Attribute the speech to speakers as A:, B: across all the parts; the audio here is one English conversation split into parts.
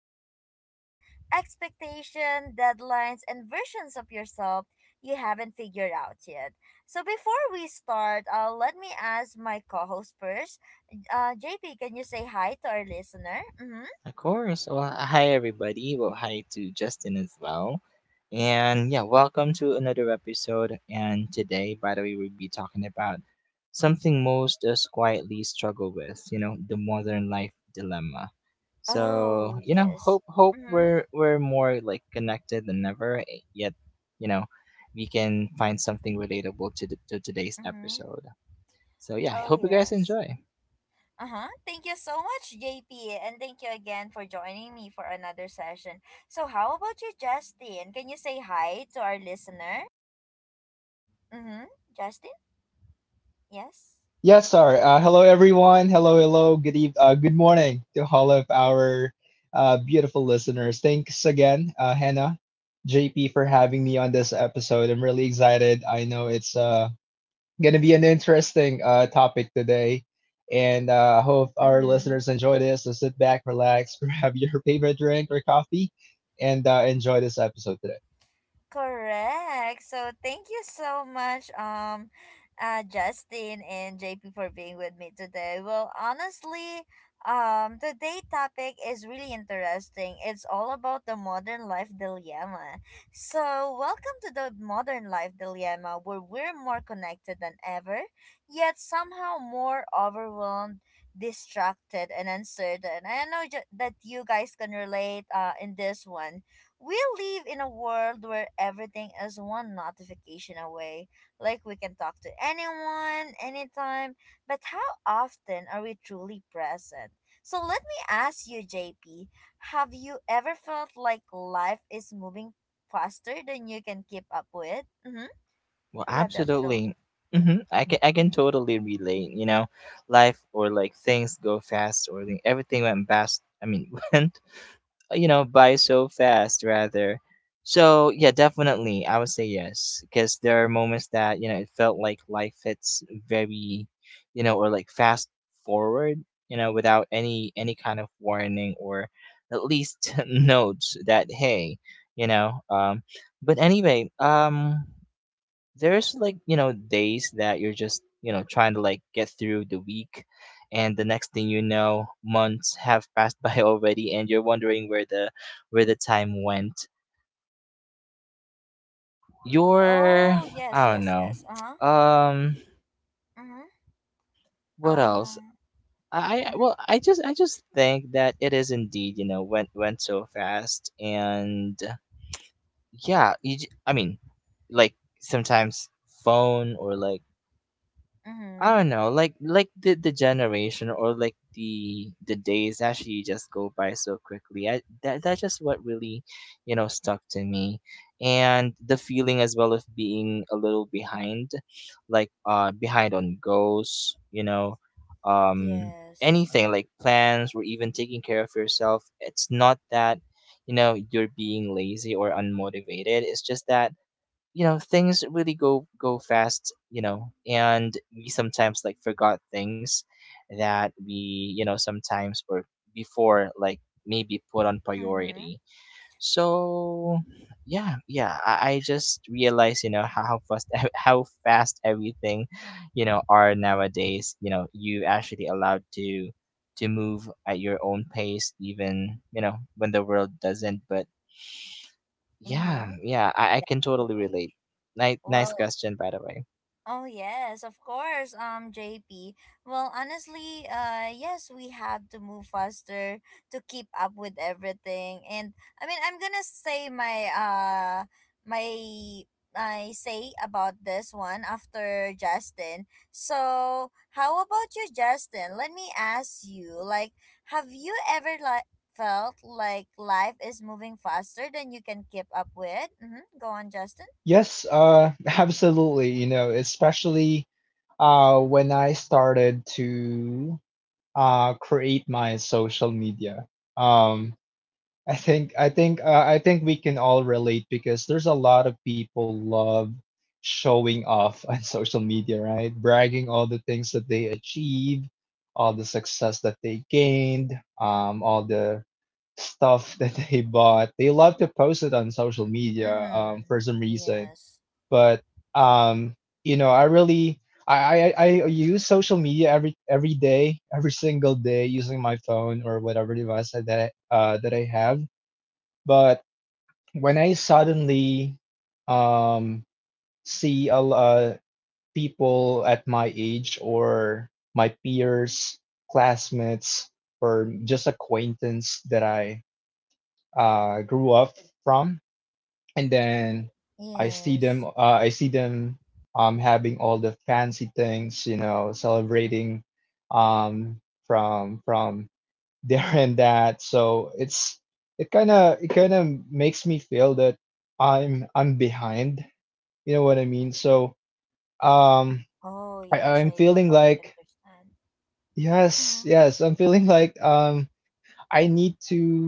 A: up with trends, expectation, deadlines, and versions of yourself you haven't figured out yet. So, before we start, let me ask my co-host first, JP, can you say hi to our listener? Mm-hmm.
B: Of course. Well, hi everybody. Well, hi to Justin as well. And yeah, welcome to another episode. And today, by the way, we'll be talking about something most us quietly struggle with, you know, the modern life dilemma. So,
A: Oh,
B: you know,
A: yes.
B: hope
A: Mm-hmm.
B: we're more like connected than ever, yet, you know, we can find something relatable to to today's
A: Mm-hmm.
B: episode. So, yeah, I
A: Oh,
B: hope you guys
A: yes.
B: enjoy.
A: Uh-huh. Thank you so much, JP, and thank you again for joining me for another session. So, how about you, Justin? Can you say hi to our listener? Mm-hmm. Justin? Yes.
C: Yes, sir. Hello, everyone. Hello, hello. Good morning to all of our beautiful listeners. Thanks again, Hannah, JP, for having me on this episode. I'm really excited. I know it's gonna be an interesting topic today, and I hope our
A: Mm-hmm.
C: listeners enjoy this. So sit back, relax, grab your favorite drink or coffee, and enjoy this episode today.
A: Correct. So thank you so much, Justin and JP for being with me today. Well, honestly, today topic is really interesting. It's all about the modern life dilemma. So welcome to the modern life dilemma, where we're more connected than ever, yet somehow more overwhelmed, distracted, and uncertain. I know that you guys can relate, in this one. We live in a world where everything is one notification away. Like we can talk to anyone, anytime, but how often are we truly present? So let me ask you, JP, have you ever felt like life is moving faster than you can keep up with? Mm-hmm.
B: Well,
A: Do you have that feeling?
B: absolutely. I can
A: Mhm.
B: totally relate. You know, life or like things go fast, or everything went fast. I mean, went you know by so fast rather. So yeah, definitely, I would say yes because there are moments that you know it felt like life hits very, you know, or like fast forward, you know, without any kind of warning or at least notes that hey, you know, um. But anyway, there's like you know days that you're just you know trying to like get through the week, and the next thing you know months have passed by already, and you're wondering where the time went your
A: Oh,
B: I
A: yes,
B: don't
A: yes,
B: know
A: yes. Uh-huh.
B: um
A: Mm-hmm.
B: what else
A: Um,
B: I-
A: mm-hmm.
B: well I just think that it is indeed you know went so fast. And yeah you, I mean like sometimes phone or like I
A: Mm-hmm.
B: don't know, like the generation or like the days actually just go by so quickly. I That's just what really, you know, stuck to me, and the feeling as well of being a little behind, like behind on goals, you know, um
A: Yes.
B: anything like plans or even taking care of yourself. It's not that, you know, you're being lazy or unmotivated. It's just that you know things really go fast, you know, and we sometimes like forgot things that we you know sometimes were before like maybe put on
A: Mm-hmm.
B: priority. So yeah, I just realized you know how fast how fast everything you know are nowadays. You know, you actually allowed to move at your own pace, even you know when the world doesn't. But yeah,
A: Mm-hmm.
B: yeah, I can totally
A: Definitely.
B: relate. Nice, nice
A: Well,
B: question, by the way.
A: Oh yes, of course, JP. Well, honestly, yes, we have to move faster to keep up with everything. And I mean, I'm going to say my my say about this one after Justin. So, how about you, Justin? Let me ask you, like have you ever like felt like life is moving faster than you can keep up with? Mhm. Go on, Justin.
C: Yes, absolutely. You know, especially when I started to create my social media. um I think we can all relate because there's a lot of people love showing off on social media, right, bragging all the things that they achieve, all the success that they gained, all the stuff that they bought. They love to post it on social media, for
A: Mhm.
C: some reason.
A: Yes.
C: But um you know, I really, I use social media every day, every single day, using my phone or whatever device that I, that I have. But when I suddenly, um see people at my age or my peers, classmates, or just acquaintance that I grew up from. And then
A: Yes.
C: I see them having all the fancy things, you know, celebrating um from there and that. So it's it kind of, it kind of makes me feel that I'm behind, you know what I mean. So, um
A: Oh, yes,
C: I'm
A: I
C: feeling
A: totally
C: like,
A: understand.
C: yes,
A: Mm-hmm.
C: yes, I'm feeling like, I need to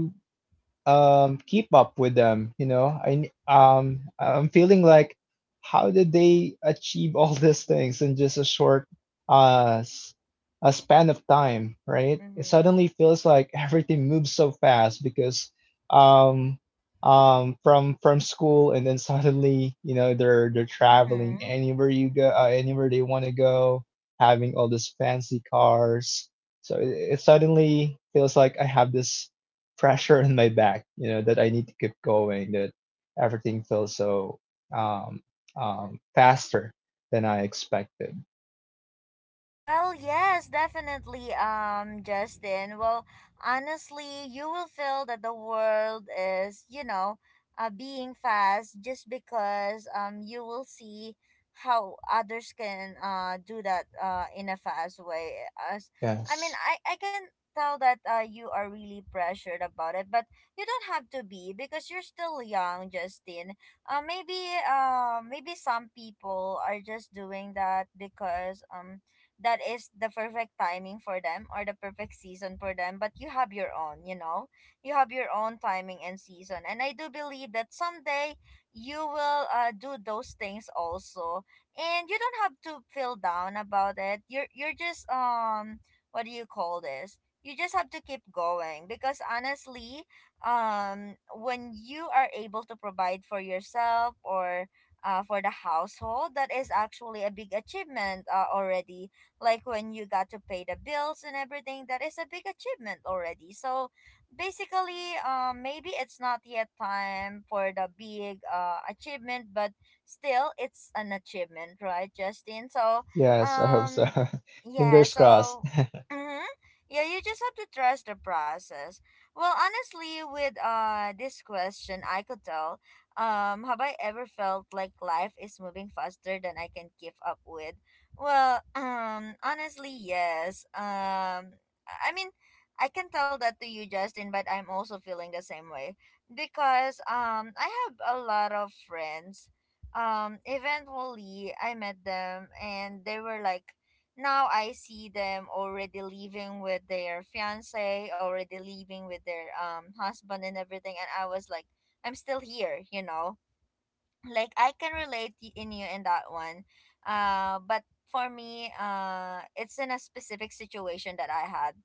C: keep up with them, you know. I'm feeling like, how did they achieve all these things in just a short uh s- a span of time, right? It
A: Mm-hmm.
C: suddenly feels like everything moves so fast because, um from school, and then suddenly, you know, they're traveling
A: Mm-hmm.
C: anywhere you go, anywhere they want to go, having all these fancy cars. So it suddenly feels like I have this pressure on my back, you know, that I need to keep going, that everything feels so, um, faster than I expected.
A: Well, yes, definitely, Justin. Well, honestly, you will feel that the world is, you know, being fast just because you will see how others can do that in a fast way. As I mean,
C: Yes.
A: I can tell that you are really pressured about it, but you don't have to be because you're still young, Justin. Uh, maybe Maybe some people are just doing that because that is the perfect timing for them or the perfect season for them, but you have your own, you know, you have your own timing and season, and I do believe that someday you will, do those things also. And you don't have to feel down about it. You're just what do you call this, you just have to keep going because honestly, when you are able to provide for yourself or, for the household, that is actually a big achievement, already. Like when you got to pay the bills and everything, that is a big achievement already. So basically, maybe it's not yet time for the big achievement, but still it's an achievement, right, Justin? So
C: Yes, I hope so.
A: um yeah.
C: Fingers crossed.
A: So mm-hmm. Yeah, you just have to trust the process. Well, honestly, with this question, I could tell, have I ever felt like life is moving faster than I can keep up with? Well, honestly, yes. Um, I mean, I can tell that to you, Justin, but I'm also feeling the same way because I have a lot of friends. Eventually, I met them, and they were like, now I see them already living with their fiance, already living with their husband and everything, and I was like, I'm still here, you know, like I can relate in you in that one. But for me, it's in a specific situation that I had,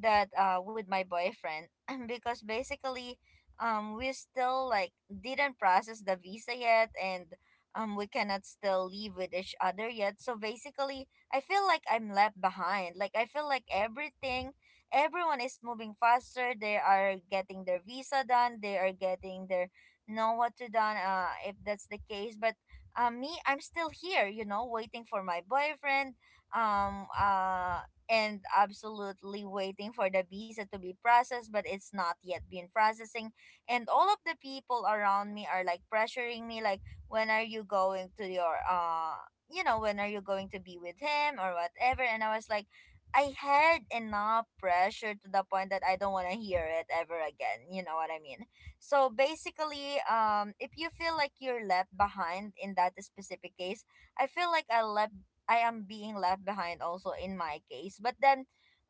A: that with my boyfriend because basically, we still like didn't process the visa yet and. We cannot still live with each other yet. So basically, I feel like I'm left behind. Like I feel like everything, everyone is moving faster. They are getting their visa done. They are getting their know what to do, if that's the case. But me, I'm still here, you know, waiting for my boyfriend. Um, uh, and absolutely waiting for the visa to be processed, but it's not yet been processing. And all of the people around me are like pressuring me, like, when are you going to your you know, when are you going to be with him or whatever, and I was like, I had enough pressure to the point that I don't want to hear it ever again, you know what I mean. So basically, if you feel like you're left behind in that specific case, I feel like I left I am being left behind also in my case. But then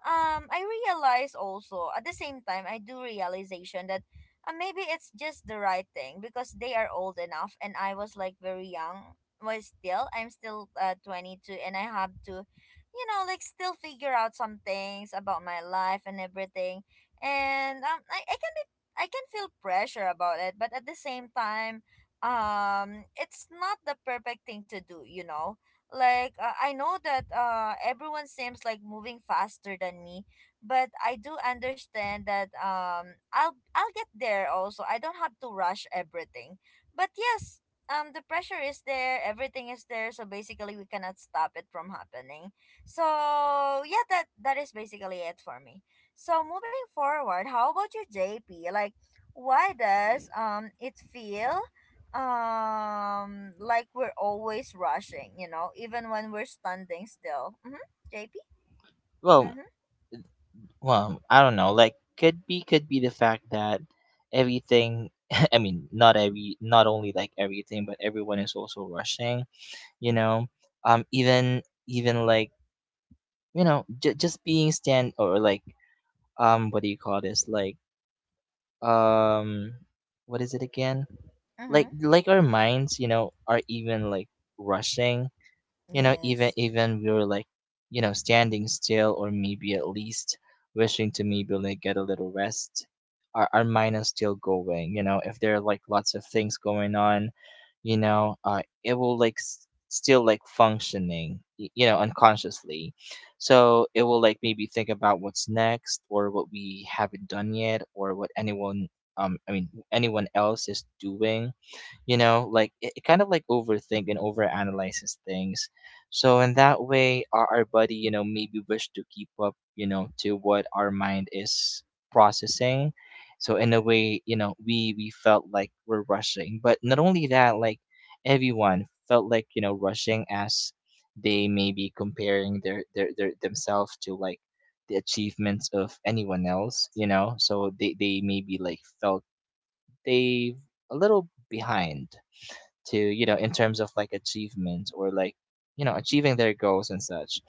A: I realize also at the same time I do realization that, maybe it's just the right thing because they are old enough, and I was like very young, was still, I'm still, 22, and I have to, you know, like still figure out some things about my life and everything. And um, I can feel pressure about it, but at the same time, it's not the perfect thing to do, you know. Like, I know that everyone seems like moving faster than me, but I do understand that um, I'll get there also. I don't have to rush everything. But yes, the pressure is there, everything is there, so basically we cannot stop it from happening. So yeah, that is basically it for me. So moving forward, how about you, JP? Like why does it feel like we're always rushing, you know, even when we're standing still? Mm-hmm. JP?
B: Well,
A: Mm-hmm.
B: well, I don't know. Like, could be the fact that everything. I mean, not only like everything, but everyone is also rushing. You know, um, even, even like you know, just being stand or like what do you call this? Like um, what is it again?
A: Mm-hmm.
B: Like our minds, you know, are even like rushing you know even
A: Yes.
B: even we were like you know standing still, or maybe at least wishing to maybe like get a little rest. Our mind is still going, you know, if there are like lots of things going on. You know it will like still like functioning you know unconsciously, so it will like maybe think about what's next, or what we haven't done yet, or what anyone I mean anyone else is doing. You know like it kind of like overthink and overanalyzes things. So in that way our body you know maybe wish to keep up you know to what our mind is processing. So in a way, you know, we felt like we're rushing, but not only that. Like everyone felt like you know rushing as they may be comparing their themselves to like the achievements of anyone else. You know so they maybe like felt they a little behind to you know in terms of like achievement, or like you know achieving their goals and such.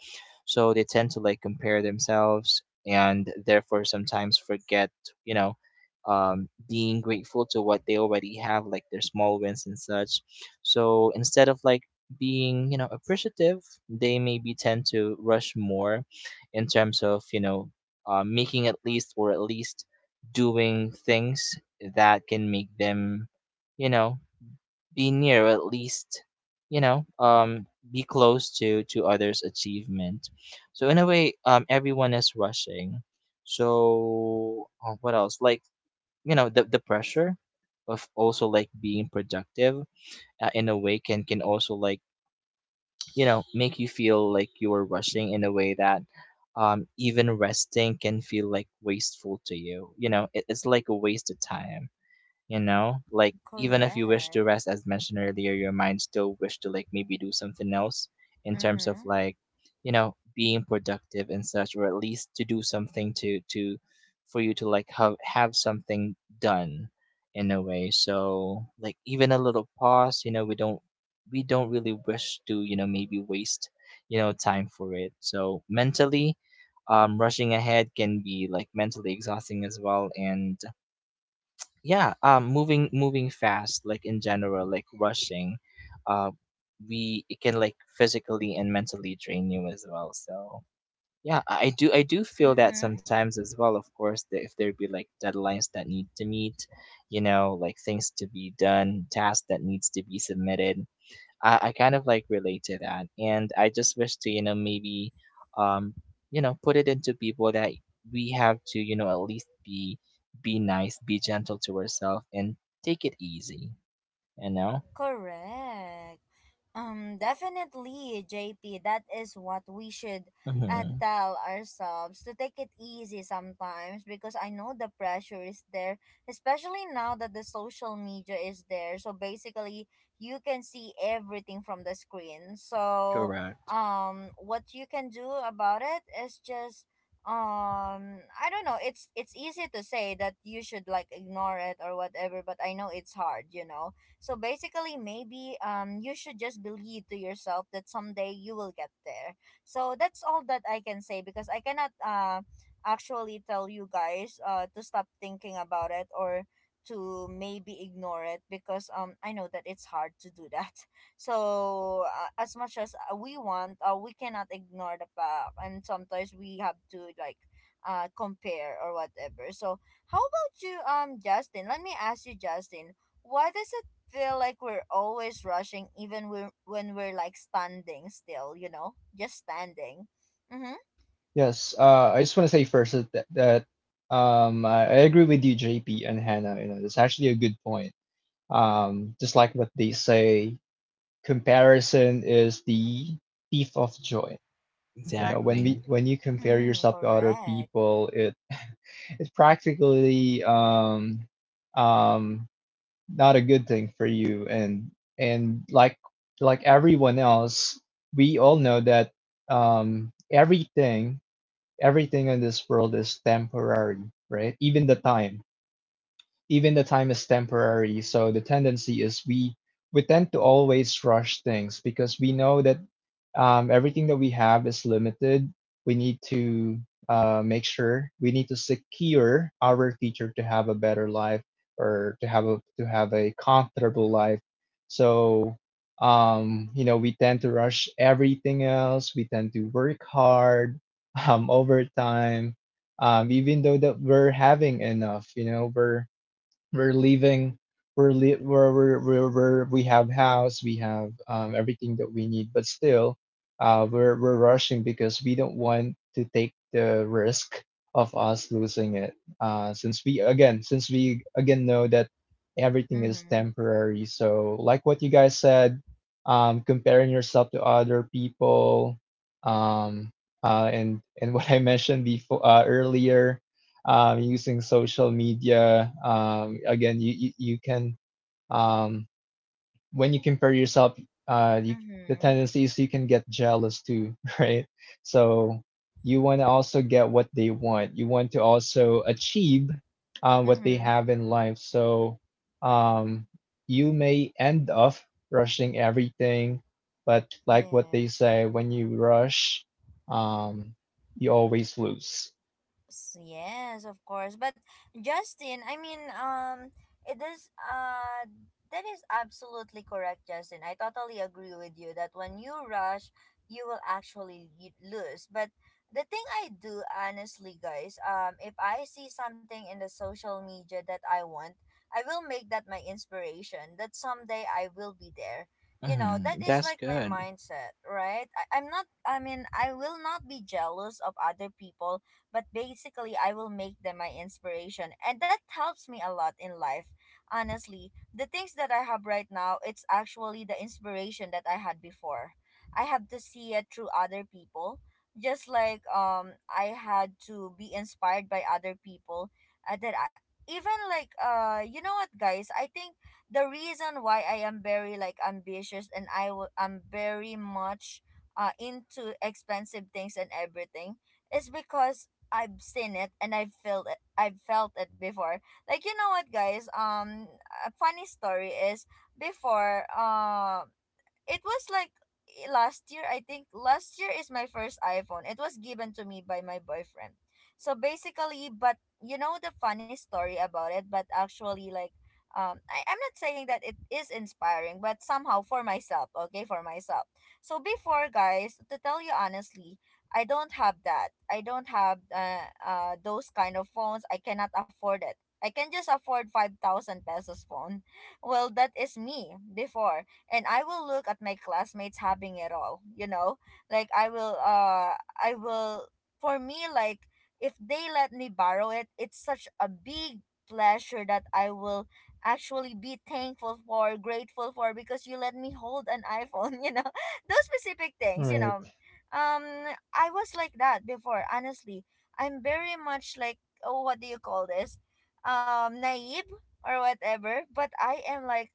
B: So they tend to like compare themselves, and therefore sometimes forget, you know, being grateful to what they already have, like their small wins and such. So instead of like being you know appreciative, they maybe tend to rush more in terms of you know, making at least, or at least doing things that can make them, you know, be near at least, you know, be close to others achievement. So in a way everyone is rushing. So what else like you know the pressure of also like being productive, in a way, can also like you know make you feel like you are rushing in a way that even resting can feel like wasteful to you. You know it, it's like a waste of time, you know, like even if you wish to
A: Correct.
B: rest, as mentioned earlier, your mind still wish to like maybe do something else in terms of
A: Mm-hmm.
B: like you know being productive and such, or at least to do something to for you to like have something done in a way. So like even a little pause, you know, we don't really wish to you know maybe waste you know time for it. So mentally, rushing ahead can be like mentally exhausting as well. And yeah um, moving fast like in general, like rushing, uh we it can like physically and mentally drain you as well. So yeah I do feel that
A: Mm-hmm.
B: sometimes as well, of course, that if there be like deadlines that need to meet, you know, like things to be done, tasks that needs to be submitted. I kind of like relate to that. And I just wish to, you know, maybe, um, you know, put it into people that we have to, you know, at least be nice, be gentle to ourselves, and take it easy. You know.
A: Correct. Definitely, JP. That is what we should,
B: Mm-hmm.
A: tell ourselves, to take it easy sometimes because I know the pressure is there, especially now that the social media is there. So basically, you can see everything from the screen. So,
B: Correct.
A: what you can do about it is just I don't know, it's easy to say that you should like ignore it or whatever, but I know it's hard, you know. So basically, maybe you should just believe to yourself that someday you will get there. So that's all that I can say because I cannot, actually tell you guys, to stop thinking about it or to maybe ignore it because I know that it's hard to do that. So as much as, we want, we cannot ignore the fact, and sometimes we have to like, compare or whatever. So how about you, Justin? Let me ask you, Justin. What is feel like we're always rushing even when we're like standing still, you know, just standing. Mm-hmm.
C: Yes, I just want to say first that, that I agree with you, JP and Hannah. You know, that's actually a good point. Just like what they say, comparison is the thief of joy. You know, when
B: Exactly.
C: we when you compare
A: Mm,
C: yourself to other
A: correct.
C: people, it it's practically, um, not a good thing for you. And like everyone else, we all know that, um, everything everything in this world is temporary, right? Even the time is temporary. So the tendency is, we tend to always rush things because we know that everything that we have is limited. We need to, make sure we need to secure our future, to have a better life, or to have a, comfortable life. So you know, we tend to rush everything else. We tend to work hard, overtime, even though that we're having enough. You know, we're leaving, we're, we're, we have house, we have everything that we need, but still, we're rushing because we don't want to take the risk of us losing it, since we again know that everything is
A: Mm-hmm.
C: temporary. So like what you guys said, comparing yourself to other people, um, and what I mentioned before, earlier, using social media. Again, you can, um, when you compare yourself, uh, you, the
A: Mm-hmm.
C: tendency is you can get jealous too, right? So you want to also get what they want. You want to also achieve what they
A: Mm-hmm.
C: have in life. So um, you may end up rushing everything, but like what they
A: Yes.
C: say, when you rush, um, you always lose.
A: Yes, of course. But Justin, I mean, it is that is absolutely correct, Justin. I totally agree with you that when you rush, you will actually lose. But the thing I do honestly, guys, if I see something in the social media that I want, I will make that my inspiration. That someday I will be there. You know, that
B: Mm-hmm.
A: is
B: That's
A: like my
B: good.
A: mindset, right? I'm not. I mean, I will not be jealous of other people, but basically I will make them my inspiration, and that helps me a lot in life. Honestly, the things that I have right now, it's actually the inspiration that I had before. I have to see it through other people. Just like I had to be inspired by other people, that I, even like, you know what guys, I think the reason why I am very like ambitious and I'm very much into expensive things and everything is because I've seen it and I've felt it. I've felt it before. Like you know what, guys. A funny story is before. It was like, last year, I think last year is my first iPhone, it was given to me by my boyfriend. So basically, but you know the funny story about it, but actually like, um, I'm not saying that it is inspiring, but somehow for myself, okay, for myself. So before, guys, to tell you honestly, I don't have, those kind of phones, I cannot afford it, I can just afford 5,000 pesos phone. Well, that is me before. And I will look at my classmates having it all, you know? Like I will for me like if they let me borrow it, it's such a big pleasure that I will actually be thankful for, grateful for, because you let me hold an iPhone, you know. Those specific things, you
C: Right,
A: know. I was like that before, honestly. I'm very much like, oh, what do you call this? Naive or whatever, but I am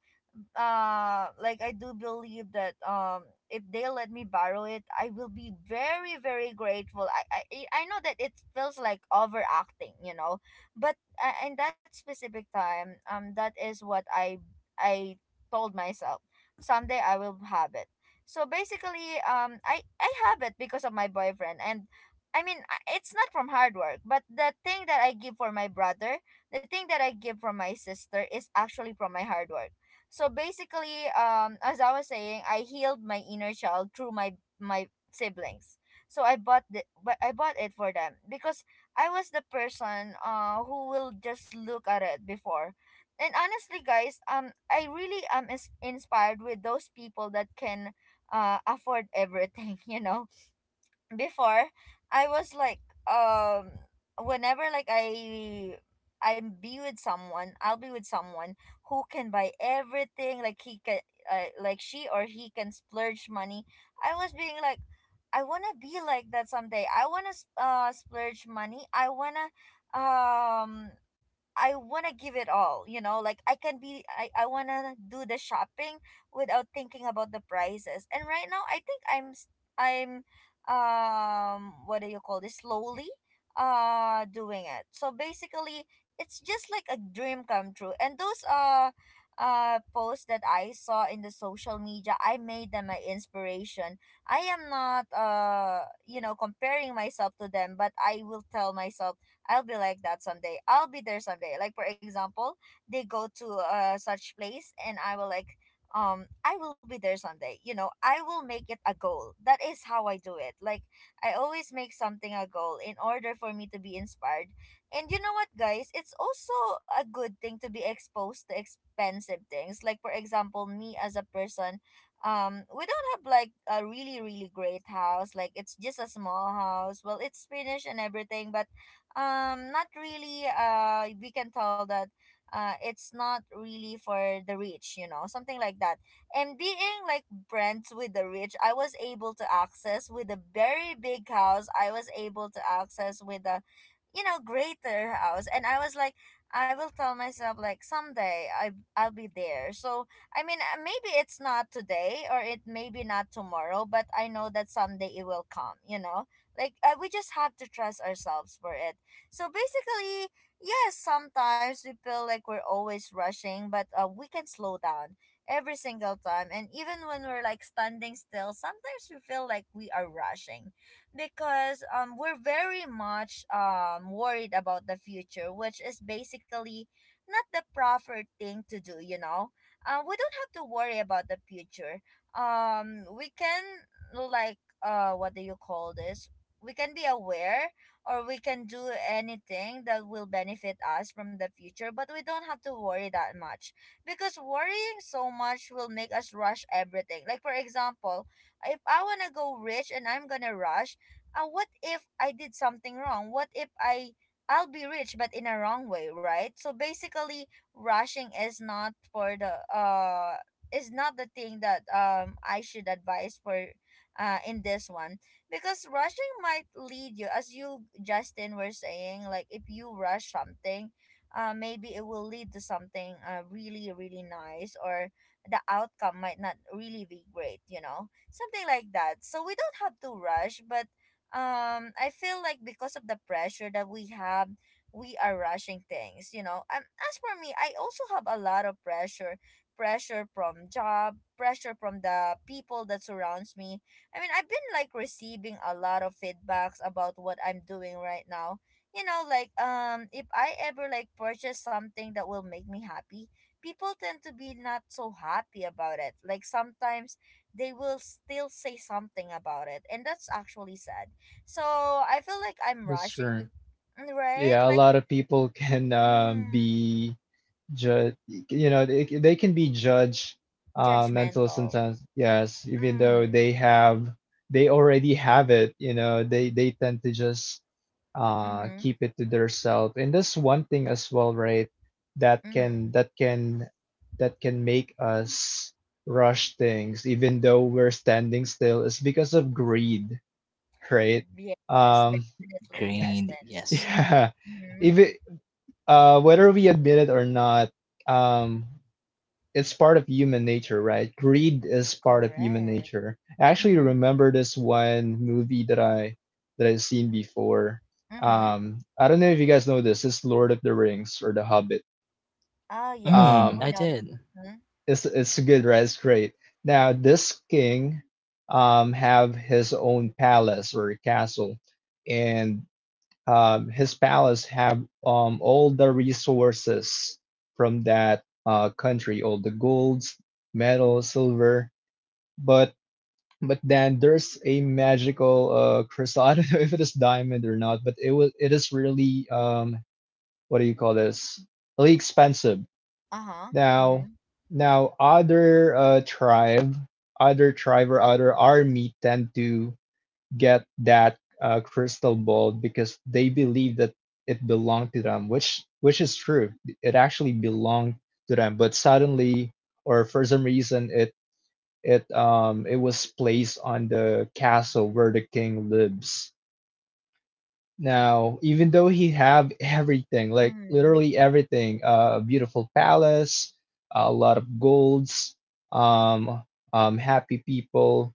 A: like I do believe that if they let me borrow it, I will be very very grateful. I know that it feels like overacting, you know, but in that specific time, that is what I told myself someday I will have it. So basically, I have it because of my boyfriend and. I mean, it's not from hard work, but the thing that I give for my brother, the thing that I give from my sister is actually from my hard work. So basically, as I was saying, I healed my inner child through my siblings. So I bought it for them because I was the person who will just look at it before. And honestly, guys, I really am inspired with those people that can afford everything. You know, before I was like um whenever I'll be with someone who can buy everything, like he can like she or he can splurge money. I was being like, I want to be like that someday. I want to splurge money. I want to give it all, you know, like I can be I want to do the shopping without thinking about the prices. And right now I think I'm what do you call this, slowly doing it. So basically it's just like a dream come true. And those posts that I saw in the social media, I made them my inspiration. I am not you know comparing myself to them, but I will tell myself I'll be like that someday. I'll be there someday. Like for example, they go to such place and I will like I will be there someday. You know, I will make it a goal. That is how I do it. Like I always make something a goal in order for me to be inspired. And you know what, guys, it's also a good thing to be exposed to expensive things. Like for example, me as a person, we don't have like a really really great house, like it's just a small house. Well, it's finished and everything, but not really, we can tell that it's not really for the rich, you know, something like that. And being like friends with the rich, I was able to access with a very big house, I was able to access with a, you know, greater house, and I was like, I will tell myself like someday I I'll be there. So I mean, maybe it's not today or it maybe not tomorrow, but I know that someday it will come, you know, like, we just have to trust ourselves for it. So basically, yes, sometimes we feel like we're always rushing, but we can slow down every single time. And even when we're like standing still, sometimes we feel like we are rushing because, we're very much worried about the future, which is basically not the proper thing to do, you know? We don't have to worry about the future. We can, like, what do you call this? We can be aware, or we can do anything that will benefit us from the future, but we don't have to worry that much, because worrying so much will make us rush everything. Like, for example, if I want to go rich and I'm going to rush, what if I did something wrong? What if I. I'll be rich, but in a wrong way, right? So basically, rushing is not for the is not the thing that I should advise for in this one, because rushing might lead you, as you Justin were saying, like if you rush something, maybe it will lead to something really really nice, or the outcome might not really be great, you know, something like that. So we don't have to rush, but I feel like because of the pressure that we have, we are rushing things, you know. As for me, I also have a lot of pressure, pressure from job, pressure from the people that surrounds me. I mean, I've been like receiving a lot of feedbacks about what I'm doing right now. You know, like, if I ever like purchase something that will make me happy, people tend to be not so happy about it. Like sometimes they will still say something about it, and that's actually sad. So, I feel like I'm
C: that's
A: rushing
C: true.
A: be- right?
C: Yeah, a
A: Like
C: lot of people can
A: mm,
C: be judge, you know, they can be judged mental
A: judgmental.
C: sometimes. Yes, even though
A: Mm.
C: they already have it. You know, they tend to just
A: Mhm.
C: keep it to themselves, and that's one thing as well, right? That
A: Mhm.
C: can that can that can make us rush things, even though we're standing still, is because of greed, right?
A: Yes,
C: Um,
A: definitely,
B: Great.
A: Justin.
B: Yes.
C: yeah.
A: Mhm.
C: Even whether we admit it or not, um, it's part of human nature, right? Greed is part of human
A: Correct.
C: nature. I actually
A: Mm-hmm.
C: remember this one movie that I, that I've seen before.
A: Mm-hmm.
C: I don't know if you guys know this. It's Lord of the Rings or The Hobbit.
A: Oh yes,
B: Mm,
C: Um,
A: we
B: I
A: know.
B: did.
A: Mm-hmm.
C: it's good, right? It's great. Now this king have his own palace or castle, and his palace have all the resources from that country, all the golds, metal, silver. But but then there's a magical crystal. I don't know if it is diamond or not, but it is really, what do you call this? Really expensive.
A: Uh-huh.
C: Now
A: Mm-hmm.
C: now other tribe, other tribe or other army tend to get that crystal ball because they believe that it belonged to them, which is true. It actually belonged to them, but suddenly, or for some reason, it was placed on the castle where the king lives. Now, even though he have everything, like
A: Mm-hmm.
C: literally everything, a beautiful palace, a lot of golds, um, happy people,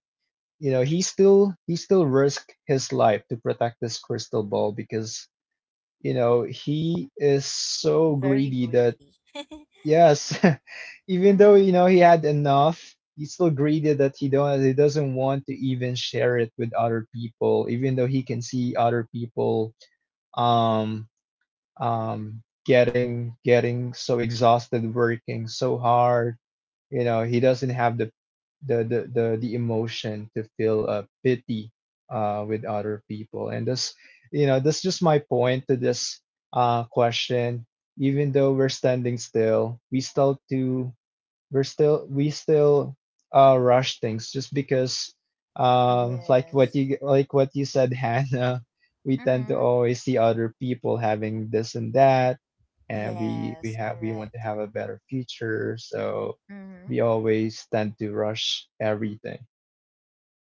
C: you know, he still risked his life to protect this crystal ball because, you know, he is so
A: Very
C: greedy that,
A: greedy.
C: yes, even though,
A: Mm-hmm.
C: you know, he had enough, he's still greedy that he doesn't want to even share it with other people, even though he can see other people, um getting so exhausted, working so hard. You know, he doesn't have the, the emotion to feel pity with other people. And this, you know, that's just my point to this question. Even though we're standing still, we still to we're still we still rush things just because,
A: Yes.
C: like what you said, Hannah. We tend to
A: Mm-hmm.
C: always see other people having this and that, and we
A: Yes,
C: have, we want to
A: correct.
C: have a better future, so
A: Mm-hmm.
C: we always tend to rush everything.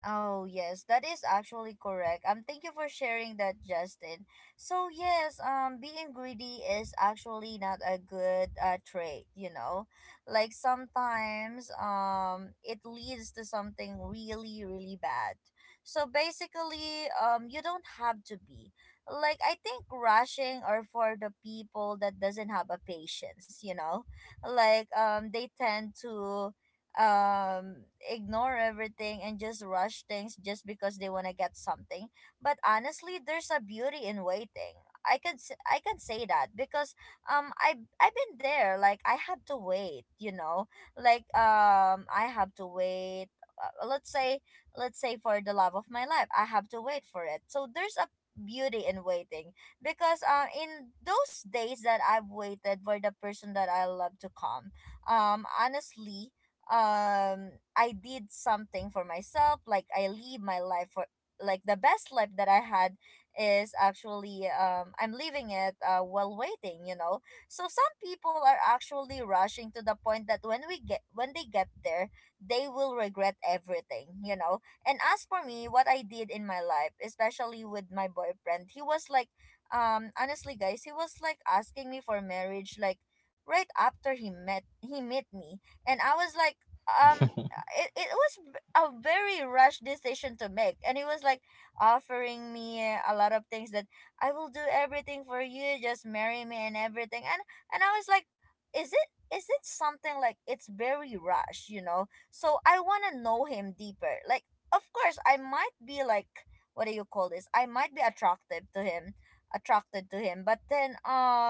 A: Oh, yes, that is actually correct. Thank you for sharing that, Justin. So, yes, being greedy is actually not a good trait, you know? Like, sometimes it leads to something really, really bad. So, basically, you don't have to be. Like, I think rushing are for the people that doesn't have a patience, you know? Like, they tend to ignore everything and just rush things just because they want to get something. But honestly, there's a beauty in waiting. I can say that because um i I've been there. Like I have to wait, you know, like I have to wait, let's say, for the love of my life, I have to wait for it. So there's a beauty in waiting, because in those days that I've waited for the person that I love to come, honestly, I did something for myself. Like I live my life for, like, the best life that I had is actually, I'm living it, while waiting, you know. So some people are actually rushing to the point that when they get there, they will regret everything, you know. And as for me, what I did in my life, especially with my boyfriend, he was like, honestly guys, he was like asking me for marriage, like right after he met me. And I was like, um, it was a very rushed decision to make. And he was like offering me a lot of things, that I will do everything for you, just marry me and everything. And I was like, is it is it something like it's very rushed, you know? So I want to know him deeper. Like, of course, I might be like, what do you call this? I might be attractive to him, attracted to him, but then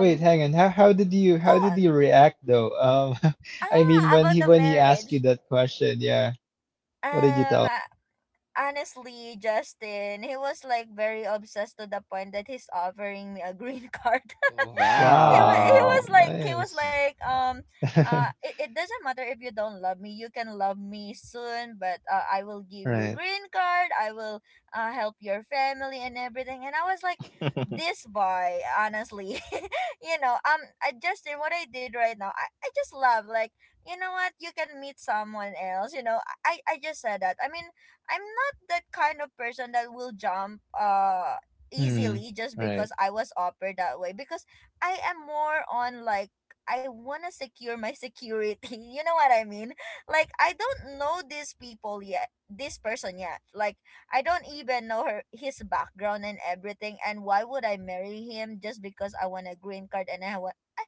C: Wait, hang on. How how did you
A: go
C: how did you
A: on.
C: react though? I mean
A: Ah,
C: when
A: about
C: he
A: the
C: when he asked you
A: marriage.
C: that question, yeah. What did you
A: Um,
C: tell him?
A: Honestly, Justin, he was like very obsessed to the point that he's offering me a green card.
B: Wow.
C: Wow,
A: He was
C: nice.
A: like it, it doesn't matter if you don't love me, you can love me soon, but I will give you
C: Right.
A: green card, I will help your family and everything. And I was like, this boy, honestly. You know, Justin, what I did right now, I just love, like, you know what, you can meet someone else, you know. I just said that. I mean, I'm not that kind of person that will jump
C: Hmm.
A: easily just
C: Right.
A: because I was offered that way, because I am more on, like, I want to secure my security. You know what I mean? Like, I don't know these people yet. This person yet. Like I don't even know her his background and everything, and why would I marry him just because I want a green card? And I,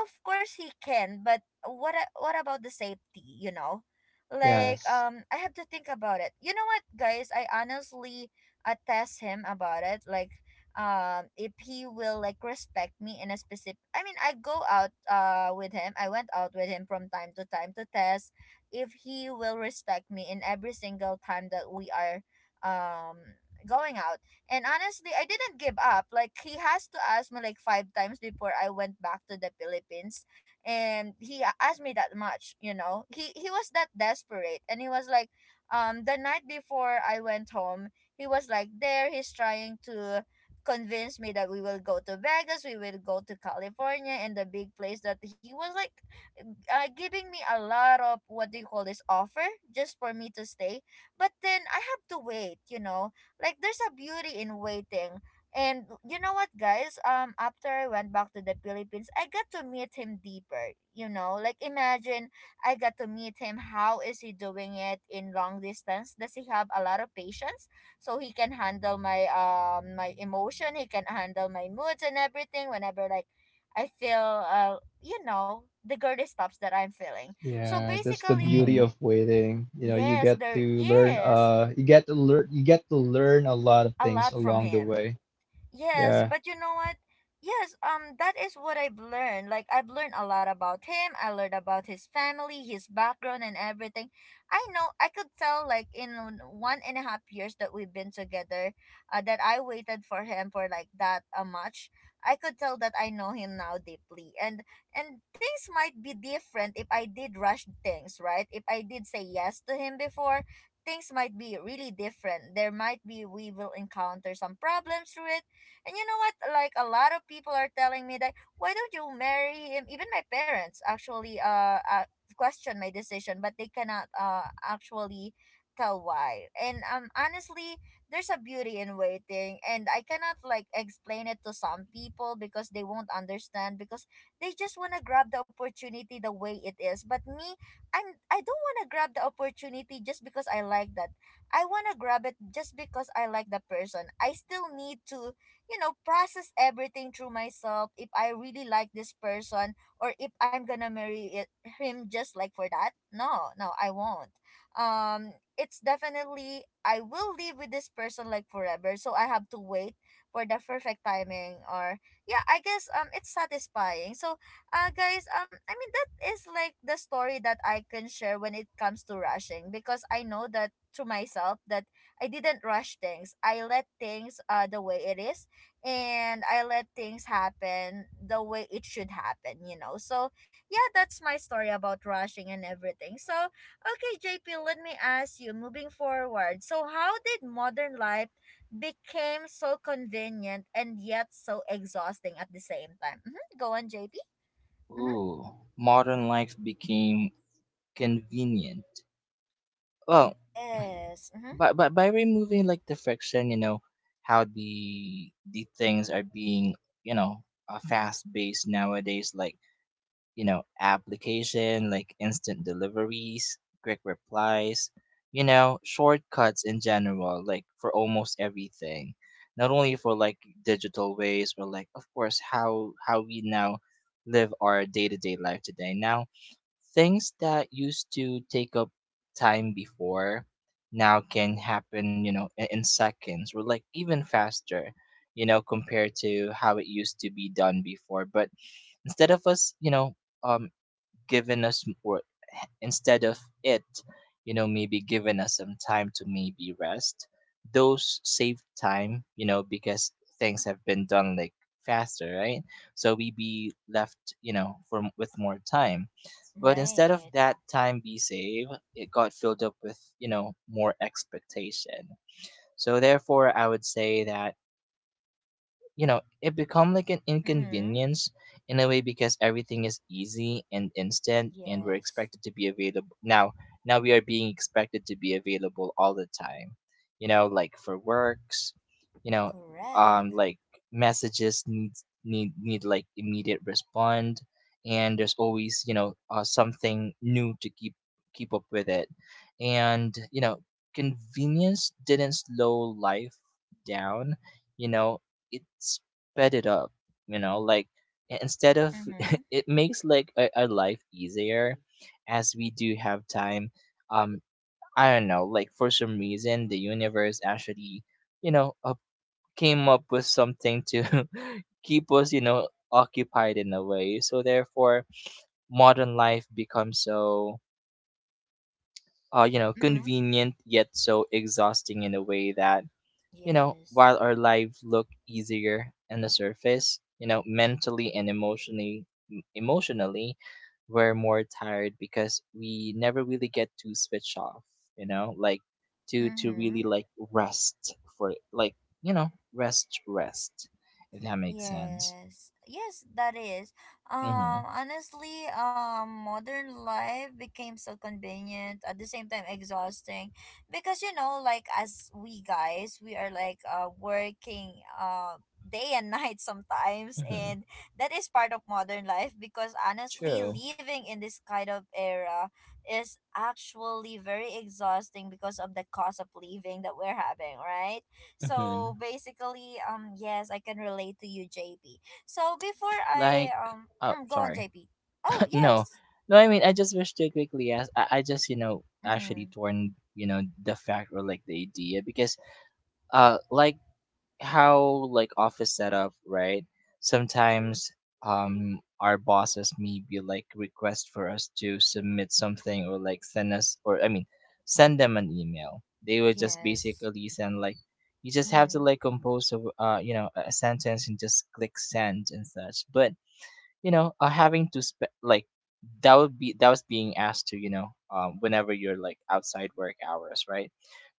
A: of course he can, but what about the safety? Like,
C: Yes.
A: I have to think about it. You know what, guys? I honestly, test him about it, like, if he will like respect me in a specific, I mean, I go out, with him. I went out with him from time to time to test if he will respect me in every single time that we are, um going out. And honestly, I didn't give up. Like, he has to ask me like five times before I went back to the Philippines. And he asked me that much. He was that desperate, and he was like, the night before I went home, he was like there, he's trying to convince me that we will go to Vegas, we will go to California and the big place that he was like, giving me a lot of what do you call this offer just for me to stay. But then I have to wait. Like, there's a beauty in waiting. And you know what, guys? After I went back to the Philippines, I got to meet him deeper. Like, imagine I got to meet him. How is he doing it in long distance? Does he have a lot of patience so he can handle my my emotion? He can handle my moods and everything. Whenever, like, I feel the girly stops that I'm feeling. So
C: Yeah, that's the
A: basically,
C: beauty
B: Mm-hmm.
C: of waiting. You know, you
A: yes,
C: get
A: there
C: to learn
A: is
C: you get to learn you get to learn a lot of
A: a
C: things
A: lot from
C: along the
A: him.
C: way.
A: Yes,
C: Yeah.
A: but you know what? Yes, that is what I've learned. Like, I've learned a lot about him. I learned about his family, his background, and everything. I know I could tell, like, in 1.5 years that we've been together, that I waited for him for like that, much. I could tell that I know him now deeply, and things might be different if I did rush things, right? If I did say yes to him before, things might be really different. There might be, we will encounter some problems through it. And you know what? Like, a lot of people are telling me that why don't you marry him? Even my parents actually, question my decision, but they cannot actually tell why. And honestly, there's a beauty in waiting, and I cannot like explain it to some people because they won't understand because they just want to grab the opportunity the way it is. But me, I don't want to grab the opportunity just because I like that. I want to grab it just because I like the person. I still need to process everything through myself if I really like this person or if I'm gonna marry it, him, just like for that. No, no, I won't. It's definitely I will live with this person like forever, so I have to wait for the perfect timing. Or yeah, I guess it's satisfying. So guys, I mean that is like the story that I can share when it comes to rushing, because I know that to myself that I didn't rush things. I let things the way it is, and I let things happen the way it should happen. So, yeah, that's my story about rushing and everything. So, okay, JP, let me ask you moving forward. So, how did modern life became so convenient and yet so exhausting at the same time? Mm-hmm. Go on, JP. Mm-hmm.
B: Ooh. Modern life became convenient. Well,
A: Yes. Mm-hmm.
B: by removing like the friction, you know, how the things are being, you know, fast based nowadays, like you know, application, like instant deliveries, quick replies, you know, shortcuts in general, like for almost everything. Not only for like digital ways, but like of course how we now live our day to day life today. Now things that used to take up time before now can happen you know in seconds or like even faster, you know, compared to how it used to be done before. But instead of us you know um given us m- or instead of it, you know, maybe giving us some time to maybe rest. Those save time, you know, because things have been done like faster, right? So we be left, you know, with more time. But instead of
A: Right.
B: that time be saved, it got filled up with, you know, more expectation. So therefore, I would say that you know it become like an
A: Mm-hmm.
B: inconvenience in a way, because everything is easy and instant, and we're
A: Yes.
B: expected to be available now. We are being expected to be available all the time, you know, like for works, you know,
A: Correct.
B: like messages need like immediate respond. And there's always you know something new to keep up with it. And you know convenience didn't slow life down, you know, it sped it up, you know, like instead of
A: Mm-hmm.
B: it makes like our life easier as we do have time. um I don't know, like for some reason the universe actually, you know, came up with something to keep us you know occupied in a way. So therefore modern life becomes so you know
A: Mm-hmm.
B: convenient, yet so exhausting in a way that you know,
A: Yes.
B: while our lives look easier on the surface, you know, mentally and emotionally, we're more tired because we never really get to switch off, you know, like to
A: Mm-hmm.
B: really like rest for like, you know, rest rest, if that makes sense.
A: Yes, yes, that is.
B: Mhm.
A: Honestly, modern life became so convenient at the same time exhausting, because, like, as we guys, we are like working day and night sometimes,
B: Mhm.
A: and that is part of modern life. Because honestly,
B: True.
A: living in this kind of era is actually very exhausting because of the cost of living that we're having, right? So
B: Mhm.
A: basically, yes, I can relate to you, JP. So before I
B: Like, oh,
A: go on,
B: sorry.
A: JP. Oh
B: No,
A: yes.
B: no. I mean, I just wish to quickly ask. I just you know actually
A: Mm,
B: torn you know the fact or like the idea because like how like office setup right sometimes our bosses maybe like request for us to submit something, or like send us, or I mean send them an email. They would just
A: yes.
B: basically send like you just have to
A: Mm-hmm.
B: like compose a you know a sentence and just click send and such. But you know, having to spend like that would be that was being asked to you know whenever you're like outside work hours right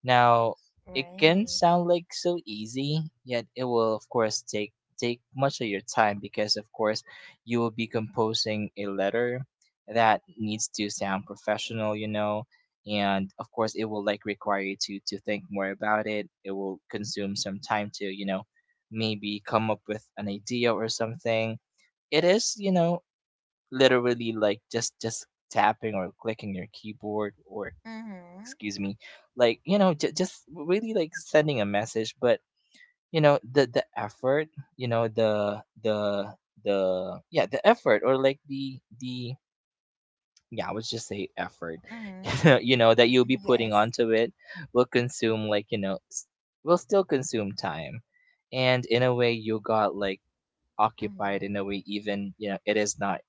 B: now, it can
A: Right.
B: sound like so easy, yet it will of course take take much of your time because of course you will be composing a letter that needs to sound professional, you know. And of course it will like require you to think more about it. It will consume some time to, you know, maybe come up with an idea or something. It is, you know, literally like just tapping or clicking your keyboard or
A: Mm-hmm.
B: excuse me, like, you know, just really like sending a message. But you know, the effort, you know the yeah the effort or like the yeah I would just say effort you
A: Mm-hmm.
B: know, you know, that you'll
A: Mm-hmm.
B: be putting
A: Yes.
B: onto it will consume, like, you know, will still consume time. And in a way you got like occupied in a
A: Mm-hmm.
B: way, even you know it is not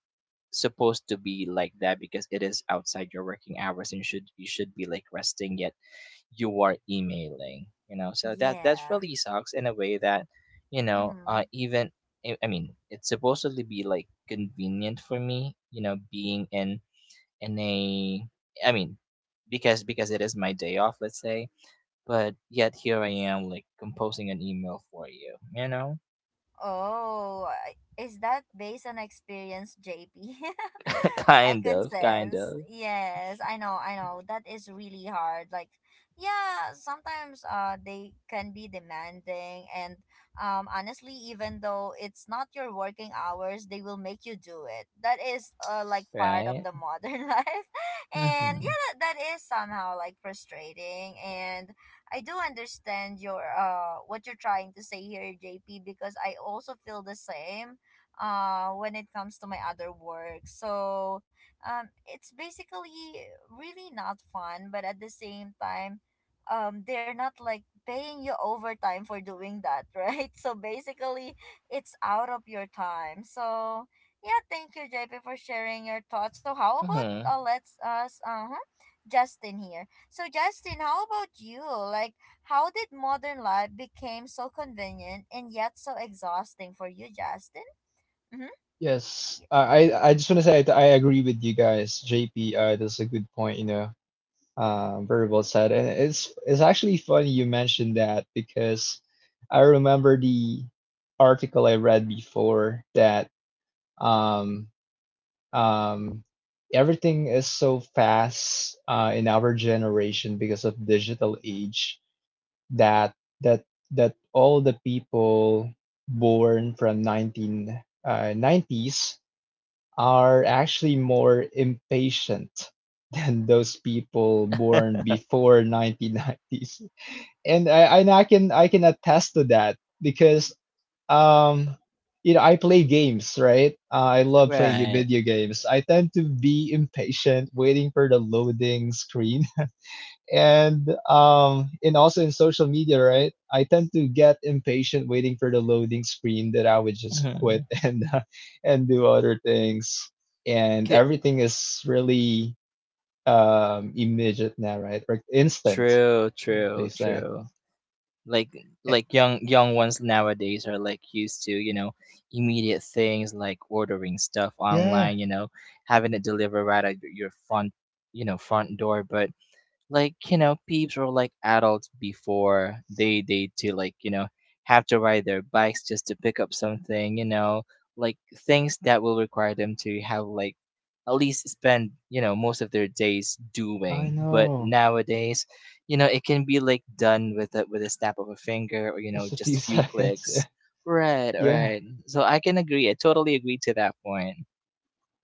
B: supposed to be like that because it is outside your working hours and you should be like resting, yet you are emailing, you know. So that that
A: Yeah.
B: really sucks in a way that, you know,
A: Hmm.
B: even I mean it's supposedly be like convenient for me, you know, being in a I mean because it is my day off, let's say, but yet here I am like composing an email for you, you know.
A: Oh, is that based on experience, JP? I
B: kind
A: can
B: of kind
A: sense.
B: of
A: Yes, I know, I know. That is really hard. Like, yeah, sometimes they can be demanding, and honestly, even though it's not your working hours, they will make you do it. That is like part of
B: Right.
A: the modern life. And
B: Mm-hmm.
A: yeah, that is somehow like frustrating, and I do understand your what you're trying to say here, JP, because I also feel the same when it comes to my other work. So it's basically really not fun, but at the same time, they're not like paying you overtime for doing that, right? So basically, it's out of your time. So yeah, thank you, JP, for sharing your thoughts. So how about
B: Mm-hmm.
A: let's us Justin here. So Justin, how about you? Like how did modern life became so convenient and yet so exhausting for you, Justin? Mhm.
C: Yes.
A: Yeah.
C: I just want to say that I agree with you guys. JP, that's a good point, you know. Very well said. And it's actually funny you mentioned that because I remember the article I read before that, um Um, everything is so fast in our generation because of digital age, that that that all the people born from 19 nineties are actually more impatient than those people born before 1990s, and I can attest to that because, um, you know, I play games, right? I love playing
B: Right.
C: video games. I tend to be impatient waiting for the loading screen. And also in social media, right? I tend to get impatient waiting for the loading screen that I would just quit
B: Mhm.
C: and do other things. And everything is really immediate now, right? Like instant,
B: True,
C: what they
B: true,
C: say.
B: true. Like,
C: Eh,
B: like young ones nowadays are like used to, you know, immediate things like ordering stuff
C: Yeah,
B: online, you know, having it delivered right at your front, you know, front door. But like you know peeps were like adults before, they to, like, you know, have to ride their bikes just to pick up something, you know, like things that will require them to have like at least spend, you know, most of their days
C: I
B: doing. But
C: know.
B: nowadays, you know, it can be like done with a snap of a finger, or you know,
C: Just a few
B: just few
C: seconds.
B: clicks. right
C: Yeah.
B: right so I can agree, I totally agree to that point.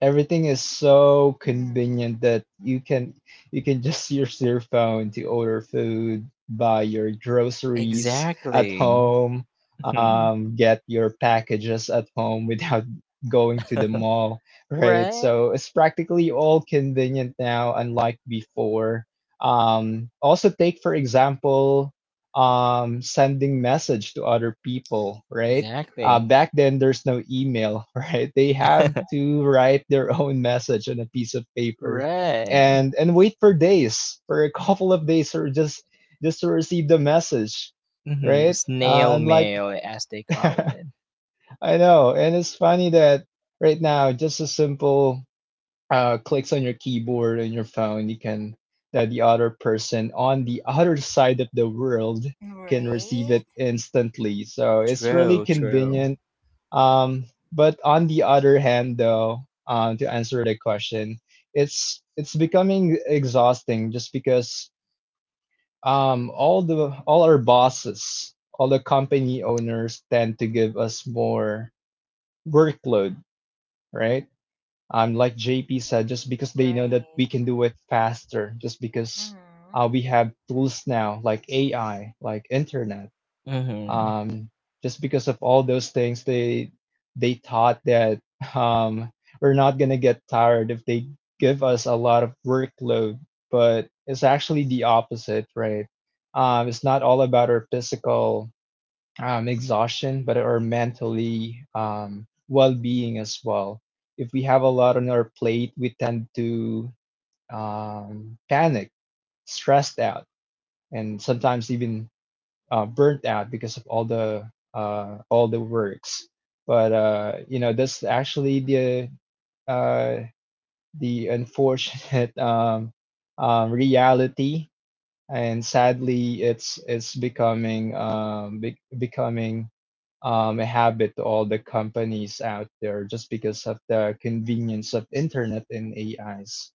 C: Everything is so
A: Mm.
C: convenient that you can just use your phone to order food, buy your groceries at
B: Exactly.
C: home, get your packages at home without going to the mall, right?
B: Right.
C: So it's practically all convenient now, unlike before. Also, take for example, sending message to other people, right?
B: Exactly.
C: Back then, there's no email, right? They have to write their own message on a piece of paper,
B: Right.
C: and wait for days, for a couple of days, or just to receive the message,
B: Mm-hmm.
C: right?
B: Snail
C: And like,
B: mail, as they call
C: I
B: it.
C: know, and it's funny that right now, just a simple clicks on your keyboard and your phone, you can, that the other person on the other side of the world can receive
A: Right.
C: it instantly. So it's really
B: True,
A: Mhm.
B: true.
C: convenient, um, but on the other hand, though, to answer the question, it's becoming exhausting just because, all the, all our bosses, all the company owners tend to give us more workload, right? Like JP said, just because they know that we
A: Right.
C: can do it faster, just because
A: Mhm.
C: we have tools now like AI, like internet,
B: Mm-hmm.
C: um, just because of all those things, they thought that, um, we're not gonna get tired if they give us a lot of workload, but it's actually the opposite, right? It's not all about our physical exhaustion, but our mentally well-being as well. If we have a lot on our plate, we tend to panic, stressed out, and sometimes even burnt out because of all the, all the works. But, you know, that's actually the, uh, unfortunate reality, and sadly, it's becoming, becoming a habit to all the companies out there just because of the convenience of internet and AIs.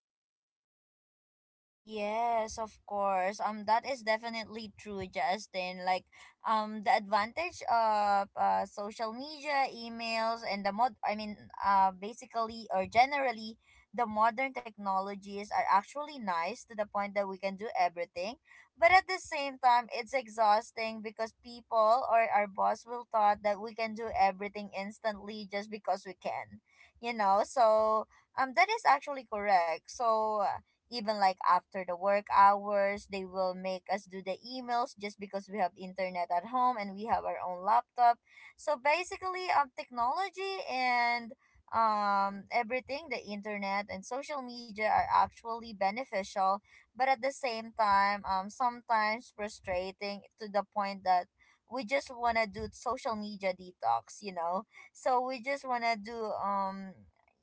A: Yes, of course. That is definitely true, Justin. Like, the advantage of social media, emails, and the mod. I mean, basically or generally, the modern technologies are actually nice to the point that we can do everything. But at the same time, it's exhausting because people or our boss will thought that we can do everything instantly just because we can. So, that is actually correct. So even like after the work hours, they will make us do the emails just because we have internet at home and we have our own laptop. So basically, technology, and everything, the internet and social media are actually beneficial, but at the same time, sometimes frustrating to the point that we just want to do social media detox. So we just want to do um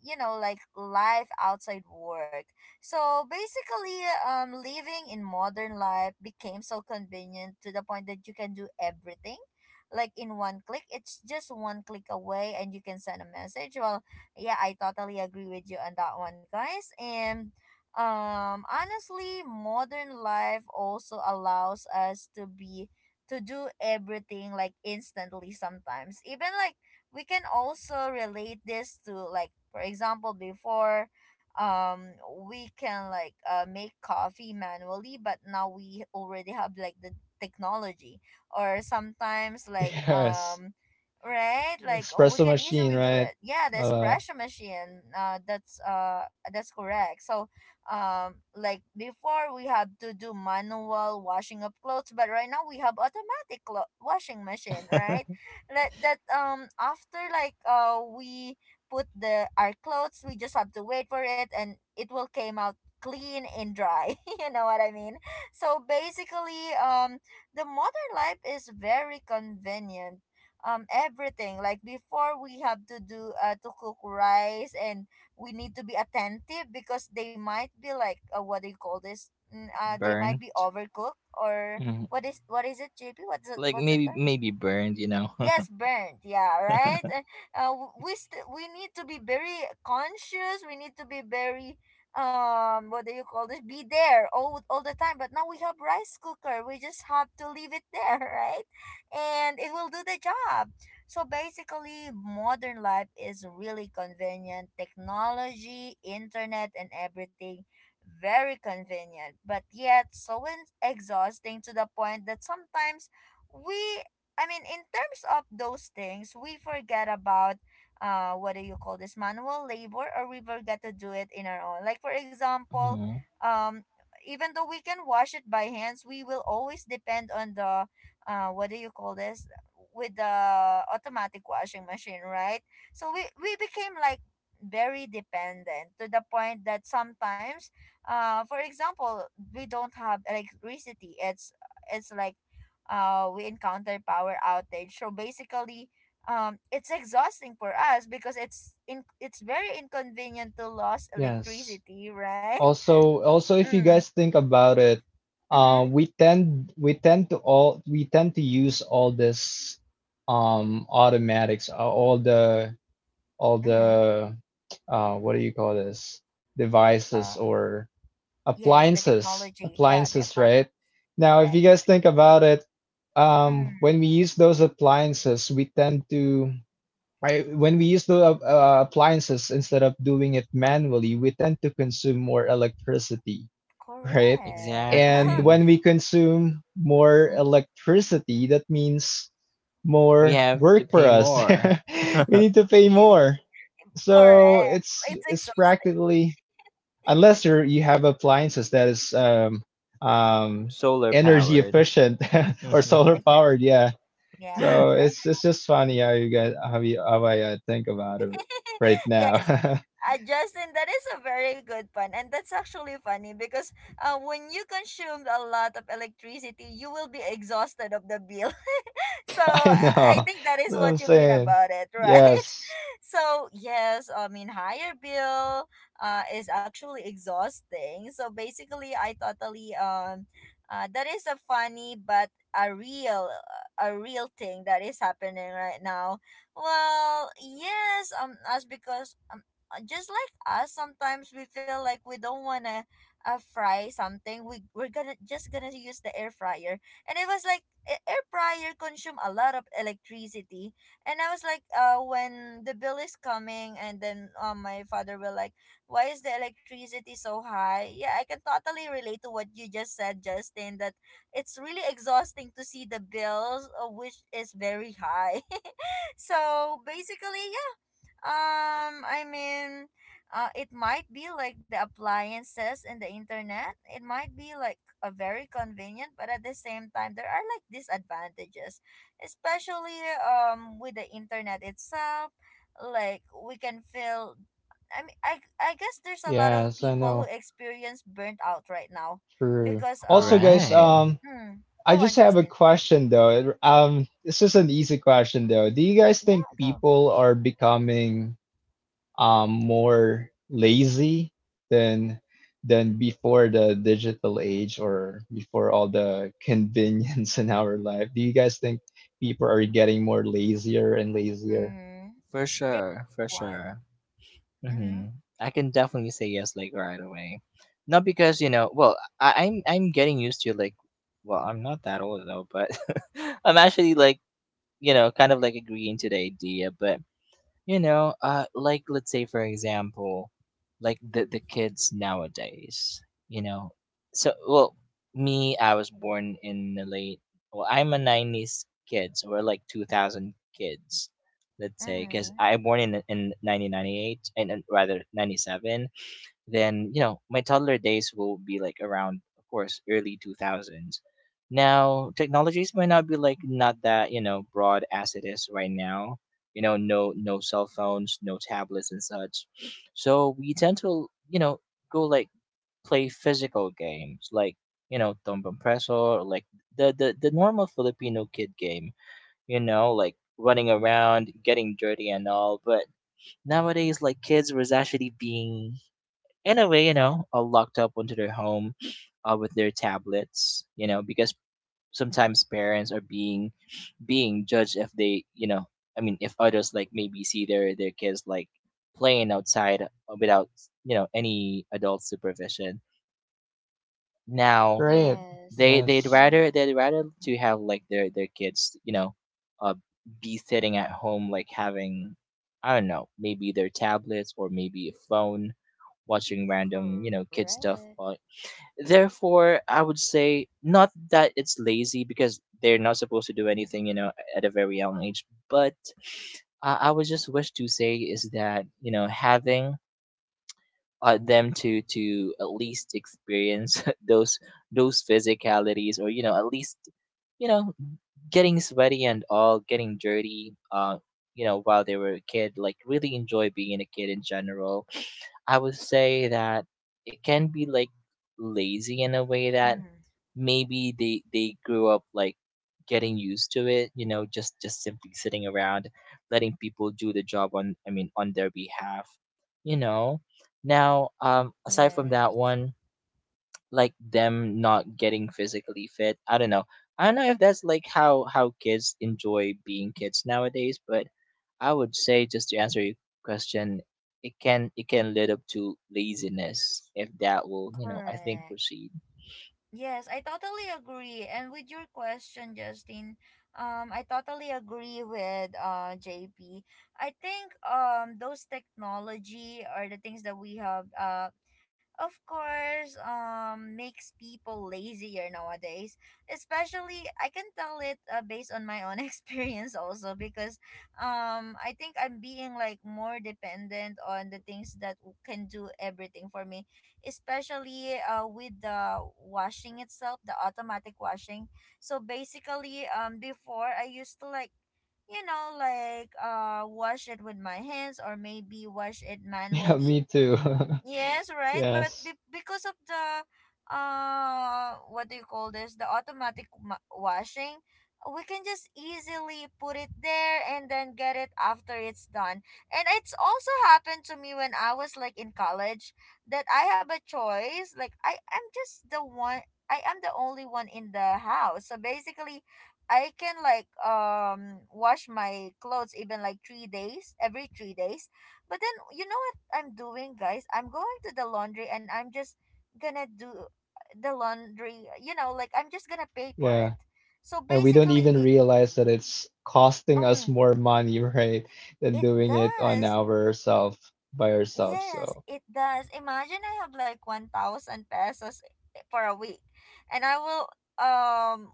A: you know like life outside work. So basically, living in modern life became so convenient to the point that you can do everything. Like in one click, it's just one click away, and you can send a message. Well, yeah, I totally agree with you on that one, guys. And honestly, modern life also allows us to be to do everything like instantly sometimes. Even like we can also relate this to, like for example, before, um we can like, make coffee manually, but now we already have like the technology. Or sometimes like,
C: Yes,
A: right, like, oh, we
C: espresso
A: can
C: machine,
A: easily do
C: right?
A: it. Yeah, the
C: Uh,
A: espresso machine, that's, that's correct. So like before we have to do manual washing of clothes, but right now we have automatic washing machine, right? That, after, like, we put the our clothes, we just have to wait for it, and it will came out clean and dry. You know what I mean? So basically, the modern life is very convenient. Everything, like before, we have to do, to cook rice, and we need to be attentive because they might be like, what do you call this? They might be
B: Burnt.
A: overcooked, or
B: Hmm.
A: what is it, JP? what's the,
B: Like
A: what's the
B: maybe,
A: term?
B: maybe burned, you know.
A: Yes, burnt. Yeah, right. We need to be very conscious. We need to be very what do you call this? Be there all the time. But now we have rice cooker. We just have to leave it there, right? And it will do the job. So basically, modern life is really convenient. Technology, internet, and everything, very convenient. But yet, so exhausting to the point that sometimes we I mean, in terms of those things, we forget about, what do you call this, manual labor, or we forget to do it in our own. Like for example,
B: Hmm.
A: um, even though we can wash it by hands, we will always depend on the, what do you call this, with the automatic washing machine, right? So we became like very dependent to the point that sometimes, for example, we don't have electricity. It's like, we encounter power outage. So basically, it's exhausting for us because it's very inconvenient to lose
C: yes.
A: electricity, right?
C: Also, also, if you
A: Mm.
C: guys think about it,
A: Mm-hmm.
C: we tend to use all this automatics, all the, all
A: Mm-hmm.
C: the what do you call this,
A: Uh,
C: devices or
A: yes, the
C: appliances
A: technology. Yeah, the
C: appliances,
A: appliance.
C: right? Now, if
A: Correct.
C: you guys think about it, when we use those appliances, we tend to, when we use the appliances instead of doing it manually, we tend to consume more electricity,
A: Correct.
C: right?
A: Mm,
C: And
A: correct.
B: Exactly.
C: when we consume more
A: Mm,
C: electricity, that means
B: We
C: more
B: have to
C: work for
B: pay
C: us.
B: more.
C: We need to pay more.
A: correct.
C: So it's
A: So, it's
C: it's
A: exhausting.
C: practically, unless you have appliances that is, um
B: Solar
C: energy
B: powered.
C: efficient or
A: Yes,
C: solar
A: yes, yes.
C: powered, yeah.
A: Yeah,
C: So
A: correct.
C: it's just funny how you guys, how I think about it right now.
A: Justin, that is a very good pun, and that's actually funny because, when you consume a lot of electricity, you will be exhausted of the bill, so
C: I
A: I
C: know.
A: think that
C: That's
A: is
C: what
A: what
C: I'm
A: you mean
C: saying.
A: about it, right?
C: Yes.
A: So yes, I mean higher bill is actually exhausting. So basically, I totally that is a funny but a real a real thing that is happening right now. Well, yes, as because just like us, sometimes we feel like we don't wanna, fry something. We we're gonna just gonna use the air fryer, and it was like air fryer consume a lot of electricity. And I was like, when the bill is coming, and then my father will like, why is the electricity so high? Yeah, I can totally relate to what you just said, Justin, that it's really exhausting to see the bills, which is very high. So basically, I mean, it might be like the appliances and the internet. It might be like a very convenient, but at the same time, there are like disadvantages, especially with the internet itself. Like we can feel. I mean, I guess there's a lot of
C: Yes, I
A: people who
C: know.
A: experience burnt out right now,
C: True.
A: because
C: Also, guys,
B: Right.
C: I
A: go on,
C: just have a
A: Justin.
C: question though. This is an easy question though. Do you guys think
A: Yeah, go.
C: people are becoming more lazy than than before the digital age or before all the convenience in our life? Do you guys think people are getting more lazier and lazier?
A: Mm-hmm.
B: For
A: Jay,
B: sure. For
A: go on.
B: sure.
A: Mm-hmm.
B: Mm-hmm. I can definitely say yes, like right away. Not because, you know, well, I'm getting used to like, well, I'm not that old though, but I'm actually like, you know, kind of like agreeing to the idea. But you know, like let's say for example, like the kids nowadays, you know. So well, me, I was born in the late, well, I'm a 90s kid, so we're like 2000 kids, let's say, because
A: Mm-hmm.
B: I born in 1998 and rather 97. Then you know my toddler days will be like around of course early 2000s. Now technologies might not be like not that, you know, broad as it is right now. You know, no, no cell phones, no tablets and such. So we tend to, you know, go like play physical games, like, you know, tombang preso, or like the normal Filipino kid game, you know, like running around, getting dirty and all. But nowadays, like kids was actually being, in a way, you know, locked up onto their home, with their tablets, you know, because sometimes parents are being being judged if they, you know, I mean, if others like maybe see their kids like playing outside without, you know, any adult supervision. Now
C: Great.
B: they
A: Yes.
B: they'd
C: Yes.
A: Hmm.
B: rather they'd rather to have like their kids, you know, uh, be sitting at home, like having, I don't know, maybe their tablets or maybe a phone, watching random, you know, kid
A: Correct.
B: stuff, therefore I would say not that it's lazy because they're not supposed to do anything, you know, at a very young age. But I would just wish to say is that, you know, having them to at least experience those physicalities, or you know, at least, you know, getting sweaty and all, getting dirty, you know, while they were a kid, like really enjoy being a kid in general. I would say that it can be like lazy in a way that
A: Hmm.
B: maybe they grew up like getting used to it, you know, just simply sitting around, letting people do the job on, I mean, on their behalf, you know. Now aside from that
A: Yes.
B: one, like them not getting physically fit, I don't know, I don't know if that's like how kids enjoy being kids nowadays. But I would say, just to answer your question, it can lead up to laziness if that will, you know, I think
A: Correct.
B: proceed.
A: Yes, I totally agree. And with your question, Justin, I totally agree with JP. I think those technology or the things that we have, of course, makes people lazier nowadays. Especially I can tell it, based on my own experience, also because I think I'm being like more dependent on the things that can do everything for me, especially with the washing itself, the automatic washing. So basically, before I used to like, like, wash it with my hands or maybe wash it
C: Yeah,
A: manually.
C: me too.
A: Yes, right. But
C: Yes.
A: because of the, what do you call this? The automatic washing, we can just easily put it there and then get it after it's done. And it's also happened to me when I was like in college, that I have a choice. Like, I am the only one in the house. So basically I can like wash my clothes even like 3 days, every 3 days, but then you know what I'm doing, guys? I'm going to the laundry and I'm just gonna do, the laundry. Like I'm just gonna pay for it.
C: Yeah.
A: So
C: And we don't
A: basically,
C: even realize that it's costing us
A: um,
C: more money, right, than
A: it
C: doing it on
A: does.
C: ourselves by ourselves.
A: Yes,
C: So
A: it does. Imagine I have like 1,000 pesos for a week and I will um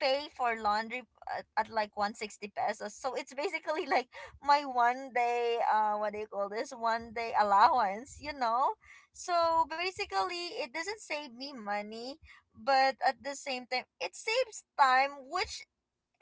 A: pay for laundry at, like 160 pesos. So it's basically like my one day, what do you call this? One day allowance, you know? So basically it doesn't save me money, but at the same time it saves time, which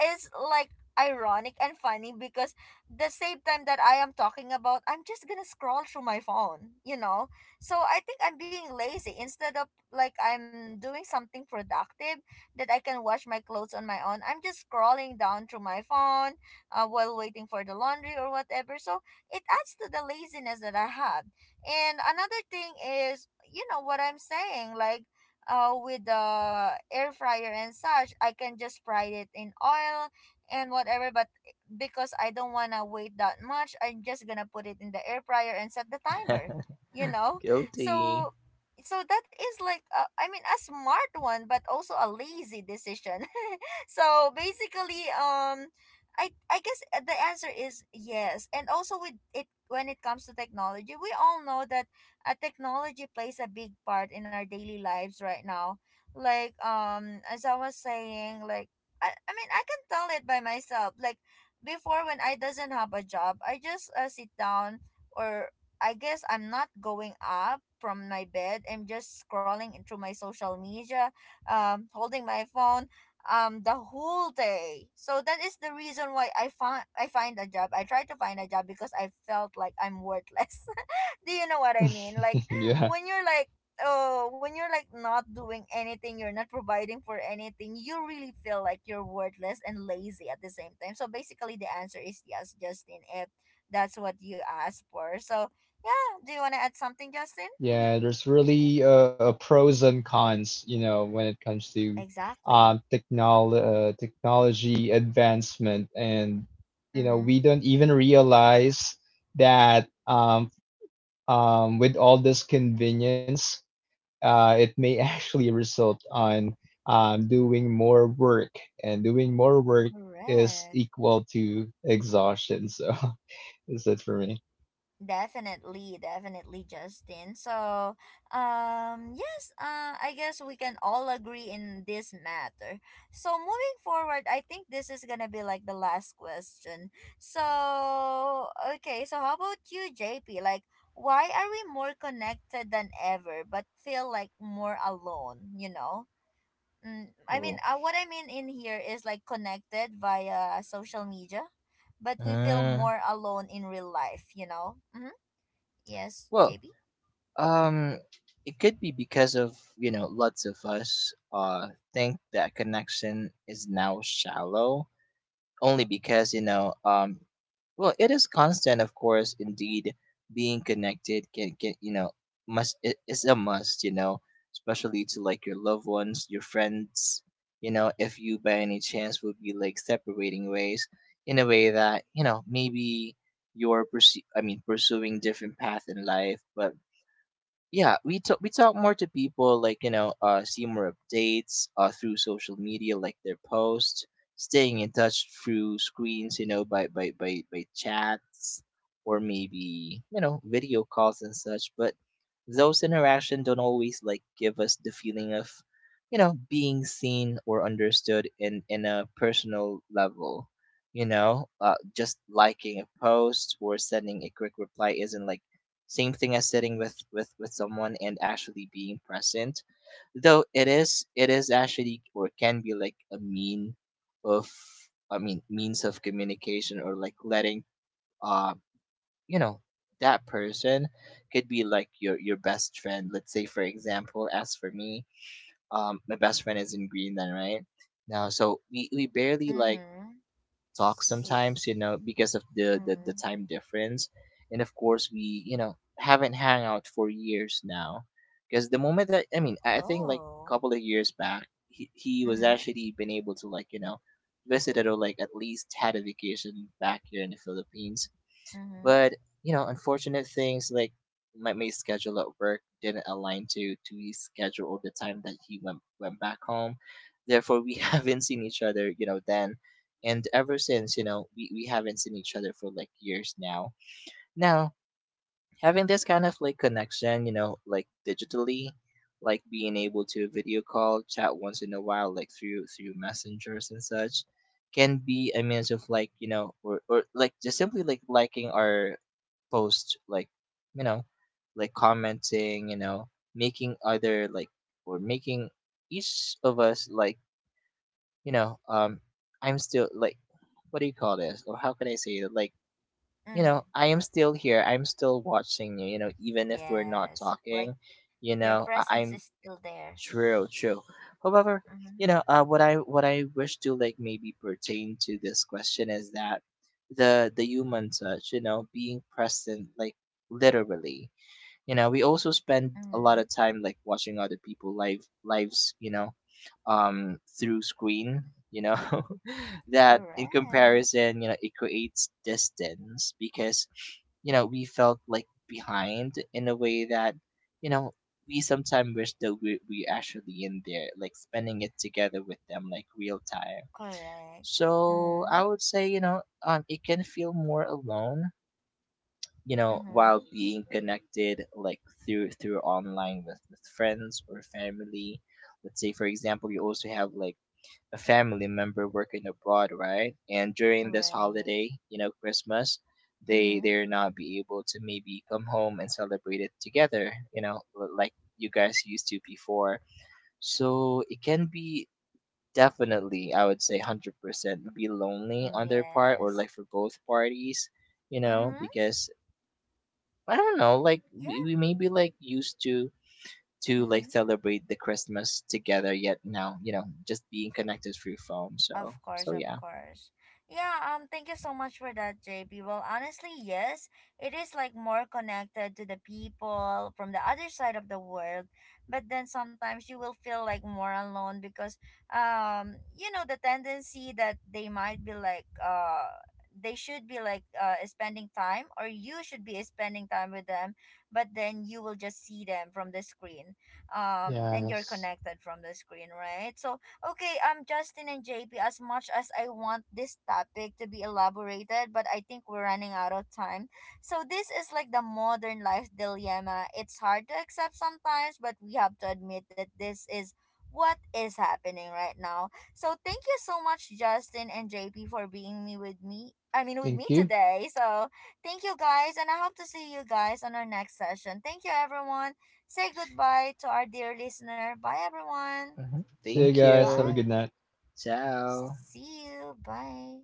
A: is like ironic and funny, because the same time that I am talking about, I'm just gonna scroll through my phone, you know? So I think I'm being lazy instead of like I'm doing something productive, that I can wash my clothes on my own. I'm just scrolling down through my phone, while waiting for the laundry or whatever. So it adds to the laziness that I have. And another thing is, you know what I'm saying, like, with the air fryer and such, I can just fry it in oil and whatever. But because I don't want to wait that much, I'm just going to put it in the air fryer and set the timer, you know?
B: Guilty.
A: So. So that is like, I mean, a smart one, but also a lazy decision. So basically, I guess, the answer is yes. And also with it, when it comes to technology, we all know that, technology plays a big part in our daily lives right now. Like, as I was saying, like I mean, I can tell it by myself. Like before, when I doesn't have a job, I just, sit down, or I guess I'm not going up from my bed. I'm just scrolling into my social media, holding my phone the whole day. So that is the reason why I try to find a job because I felt like I'm worthless. Do you know what I mean? Like,
C: yeah,
A: when you're like oh when you're like not doing anything, you're not providing for anything, you really feel like you're worthless and lazy at the same time. So basically the answer is yes, Justin, if that's what you asked for. So yeah, do you wanna add something, Justin? Mm-hmm.
C: yeah, there's really, pros and cons, you know, when it comes to,
A: Exactly.
C: technology advancement, and you know,
A: Mm-hmm.
C: we don't even realize that, with all this convenience, it may actually result on doing more work, and doing more work is
A: Correct.
C: equal to exhaustion. So that's it for me.
A: Definitely, definitely, Justin. So, yes, I guess we can all agree in this matter. So, moving forward, I think this is gonna be like the last question. So, okay, so how about you, JP? Like, why are we more connected than ever, but feel like more alone, you know? I mean,
B: Oh.
A: what I mean in here is like connected via social media, but we feel
B: Mm.
A: more alone in real life, you know? Yes,
B: Well,
A: JB?
B: um, it could be because of, you know, lots of us think that connection is now shallow only because, you know, well it is constant of course indeed. Being connected can, you know, must, it is a must, you know, especially to like your loved ones, your friends, you know, if you by any chance would be like separating ways in a way that, you know, maybe you're pursuing different path in life. But yeah, we talk, we talk more to people, like, you know, see more updates through social media, like their posts, staying in touch through screens, you know, by by chats, or maybe, you know, video calls and such. But those interaction don't always like give us the feeling of, you know, being seen or understood in a personal level, you know. Just liking a post or sending a quick reply isn't like same thing as sitting with with someone and actually being present. Though it is, it is actually, or can be like a mean of, I mean, means of communication, or like letting uh you know that person could be like your best friend. Let's say for example, as for me, my best friend is in Greenland, right? Now so we barely like
A: Mm-hmm.
B: talk
A: See.
B: sometimes, you know, because of the
A: Mm.
B: time difference. And of course, we, you know, haven't hung out for years now. Because the moment that, I mean, I think like
A: Oh.
B: a couple of years back, he was
A: Mm-hmm.
B: actually been able to, like, you know, visit or like at least had a vacation back here in the Philippines.
A: Mm-hmm.
B: But you know, unfortunate things like my mate's schedule at work didn't align to his schedule or the time that he went back home. Therefore, we haven't seen each other, you know, then, and ever since, you know, we haven't seen each other for like years now. Now, having this kind of like connection, you know, like digitally, like being able to video call, chat once in a while, like through through messengers and such, can be a means of like, you know, or like just simply like liking our post, like, you know, like commenting, you know, making other like, or making each of us like, you know, I'm still like, what do you call this, or how can I say it, like, you know,
A: Mm.
B: I am still here, I'm still watching you, you know, even if we're not
A: Yes. Like,
B: talking, you
A: your
B: know,
A: presence
B: I'm,
A: is still there.
B: true, true, however,
A: Mm-hmm.
B: you know, what I, what I wish to like maybe pertain to this question is that the human touch, you know, being present, like literally, you know, we also spend a lot
A: Mm-hmm.
B: of time like watching other people live lives, you know, through screen, you know. That in
A: Correct.
B: comparison, you know, it creates distance because, you know, we felt like behind in a way that, you know, we sometimes wish that we actually in there, like spending it together with them, like real time.
A: Correct.
B: So I
A: Mm.
B: would say, you know, it can feel more alone, you know,
A: Mm-hmm.
B: while being connected like through through online with friends or family. Let's say for example you also have like a family member working abroad, right? And during this
A: Right.
B: holiday, you know, Christmas, they
A: Mm-hmm.
B: they're not be able to maybe come home and celebrate it together, you know, like you guys used to before. So it can be, definitely, I would say, 100% be lonely
A: Mm,
B: on their part, or
A: yes.
B: like for both parties, you know.
A: Mm-hmm.
B: Because I don't know, like
A: Yeah.
B: we maybe like used to
A: Mm-hmm.
B: like celebrate the Christmas together, yet now, you know, just being connected through phone. So
A: Of course,
B: so
A: of
B: yeah.
A: course. Yeah, thank you so much for that, JP. Well, honestly, yes, it is like more connected to the people from the other side of the world, but then sometimes you will feel like more alone, because the tendency that they should be like, spending time, or you should be spending time with them, but then you will just see them from the screen. And you're
C: Yes.
A: connected from the screen, right? So. Okay, Justin and JP, as much as I want this topic to be elaborated, but I think we're running out of time. So, this is like the modern life dilemma. It's hard to accept sometimes, but we have to admit that this is what is happening right now. So, thank you so much, Justin and JP, for being me with me. I mean, with
C: Thank
A: me
C: you.
A: today. So, thank you guys, and I hope to see you guys on our next session. Thank you, everyone. Say goodbye to our dear listener. Bye, everyone.
B: Hmm.
C: See you
B: Thank
C: guys. Have a
B: you.
A: Bye.
C: good night.
B: Ciao.
A: See you. Bye.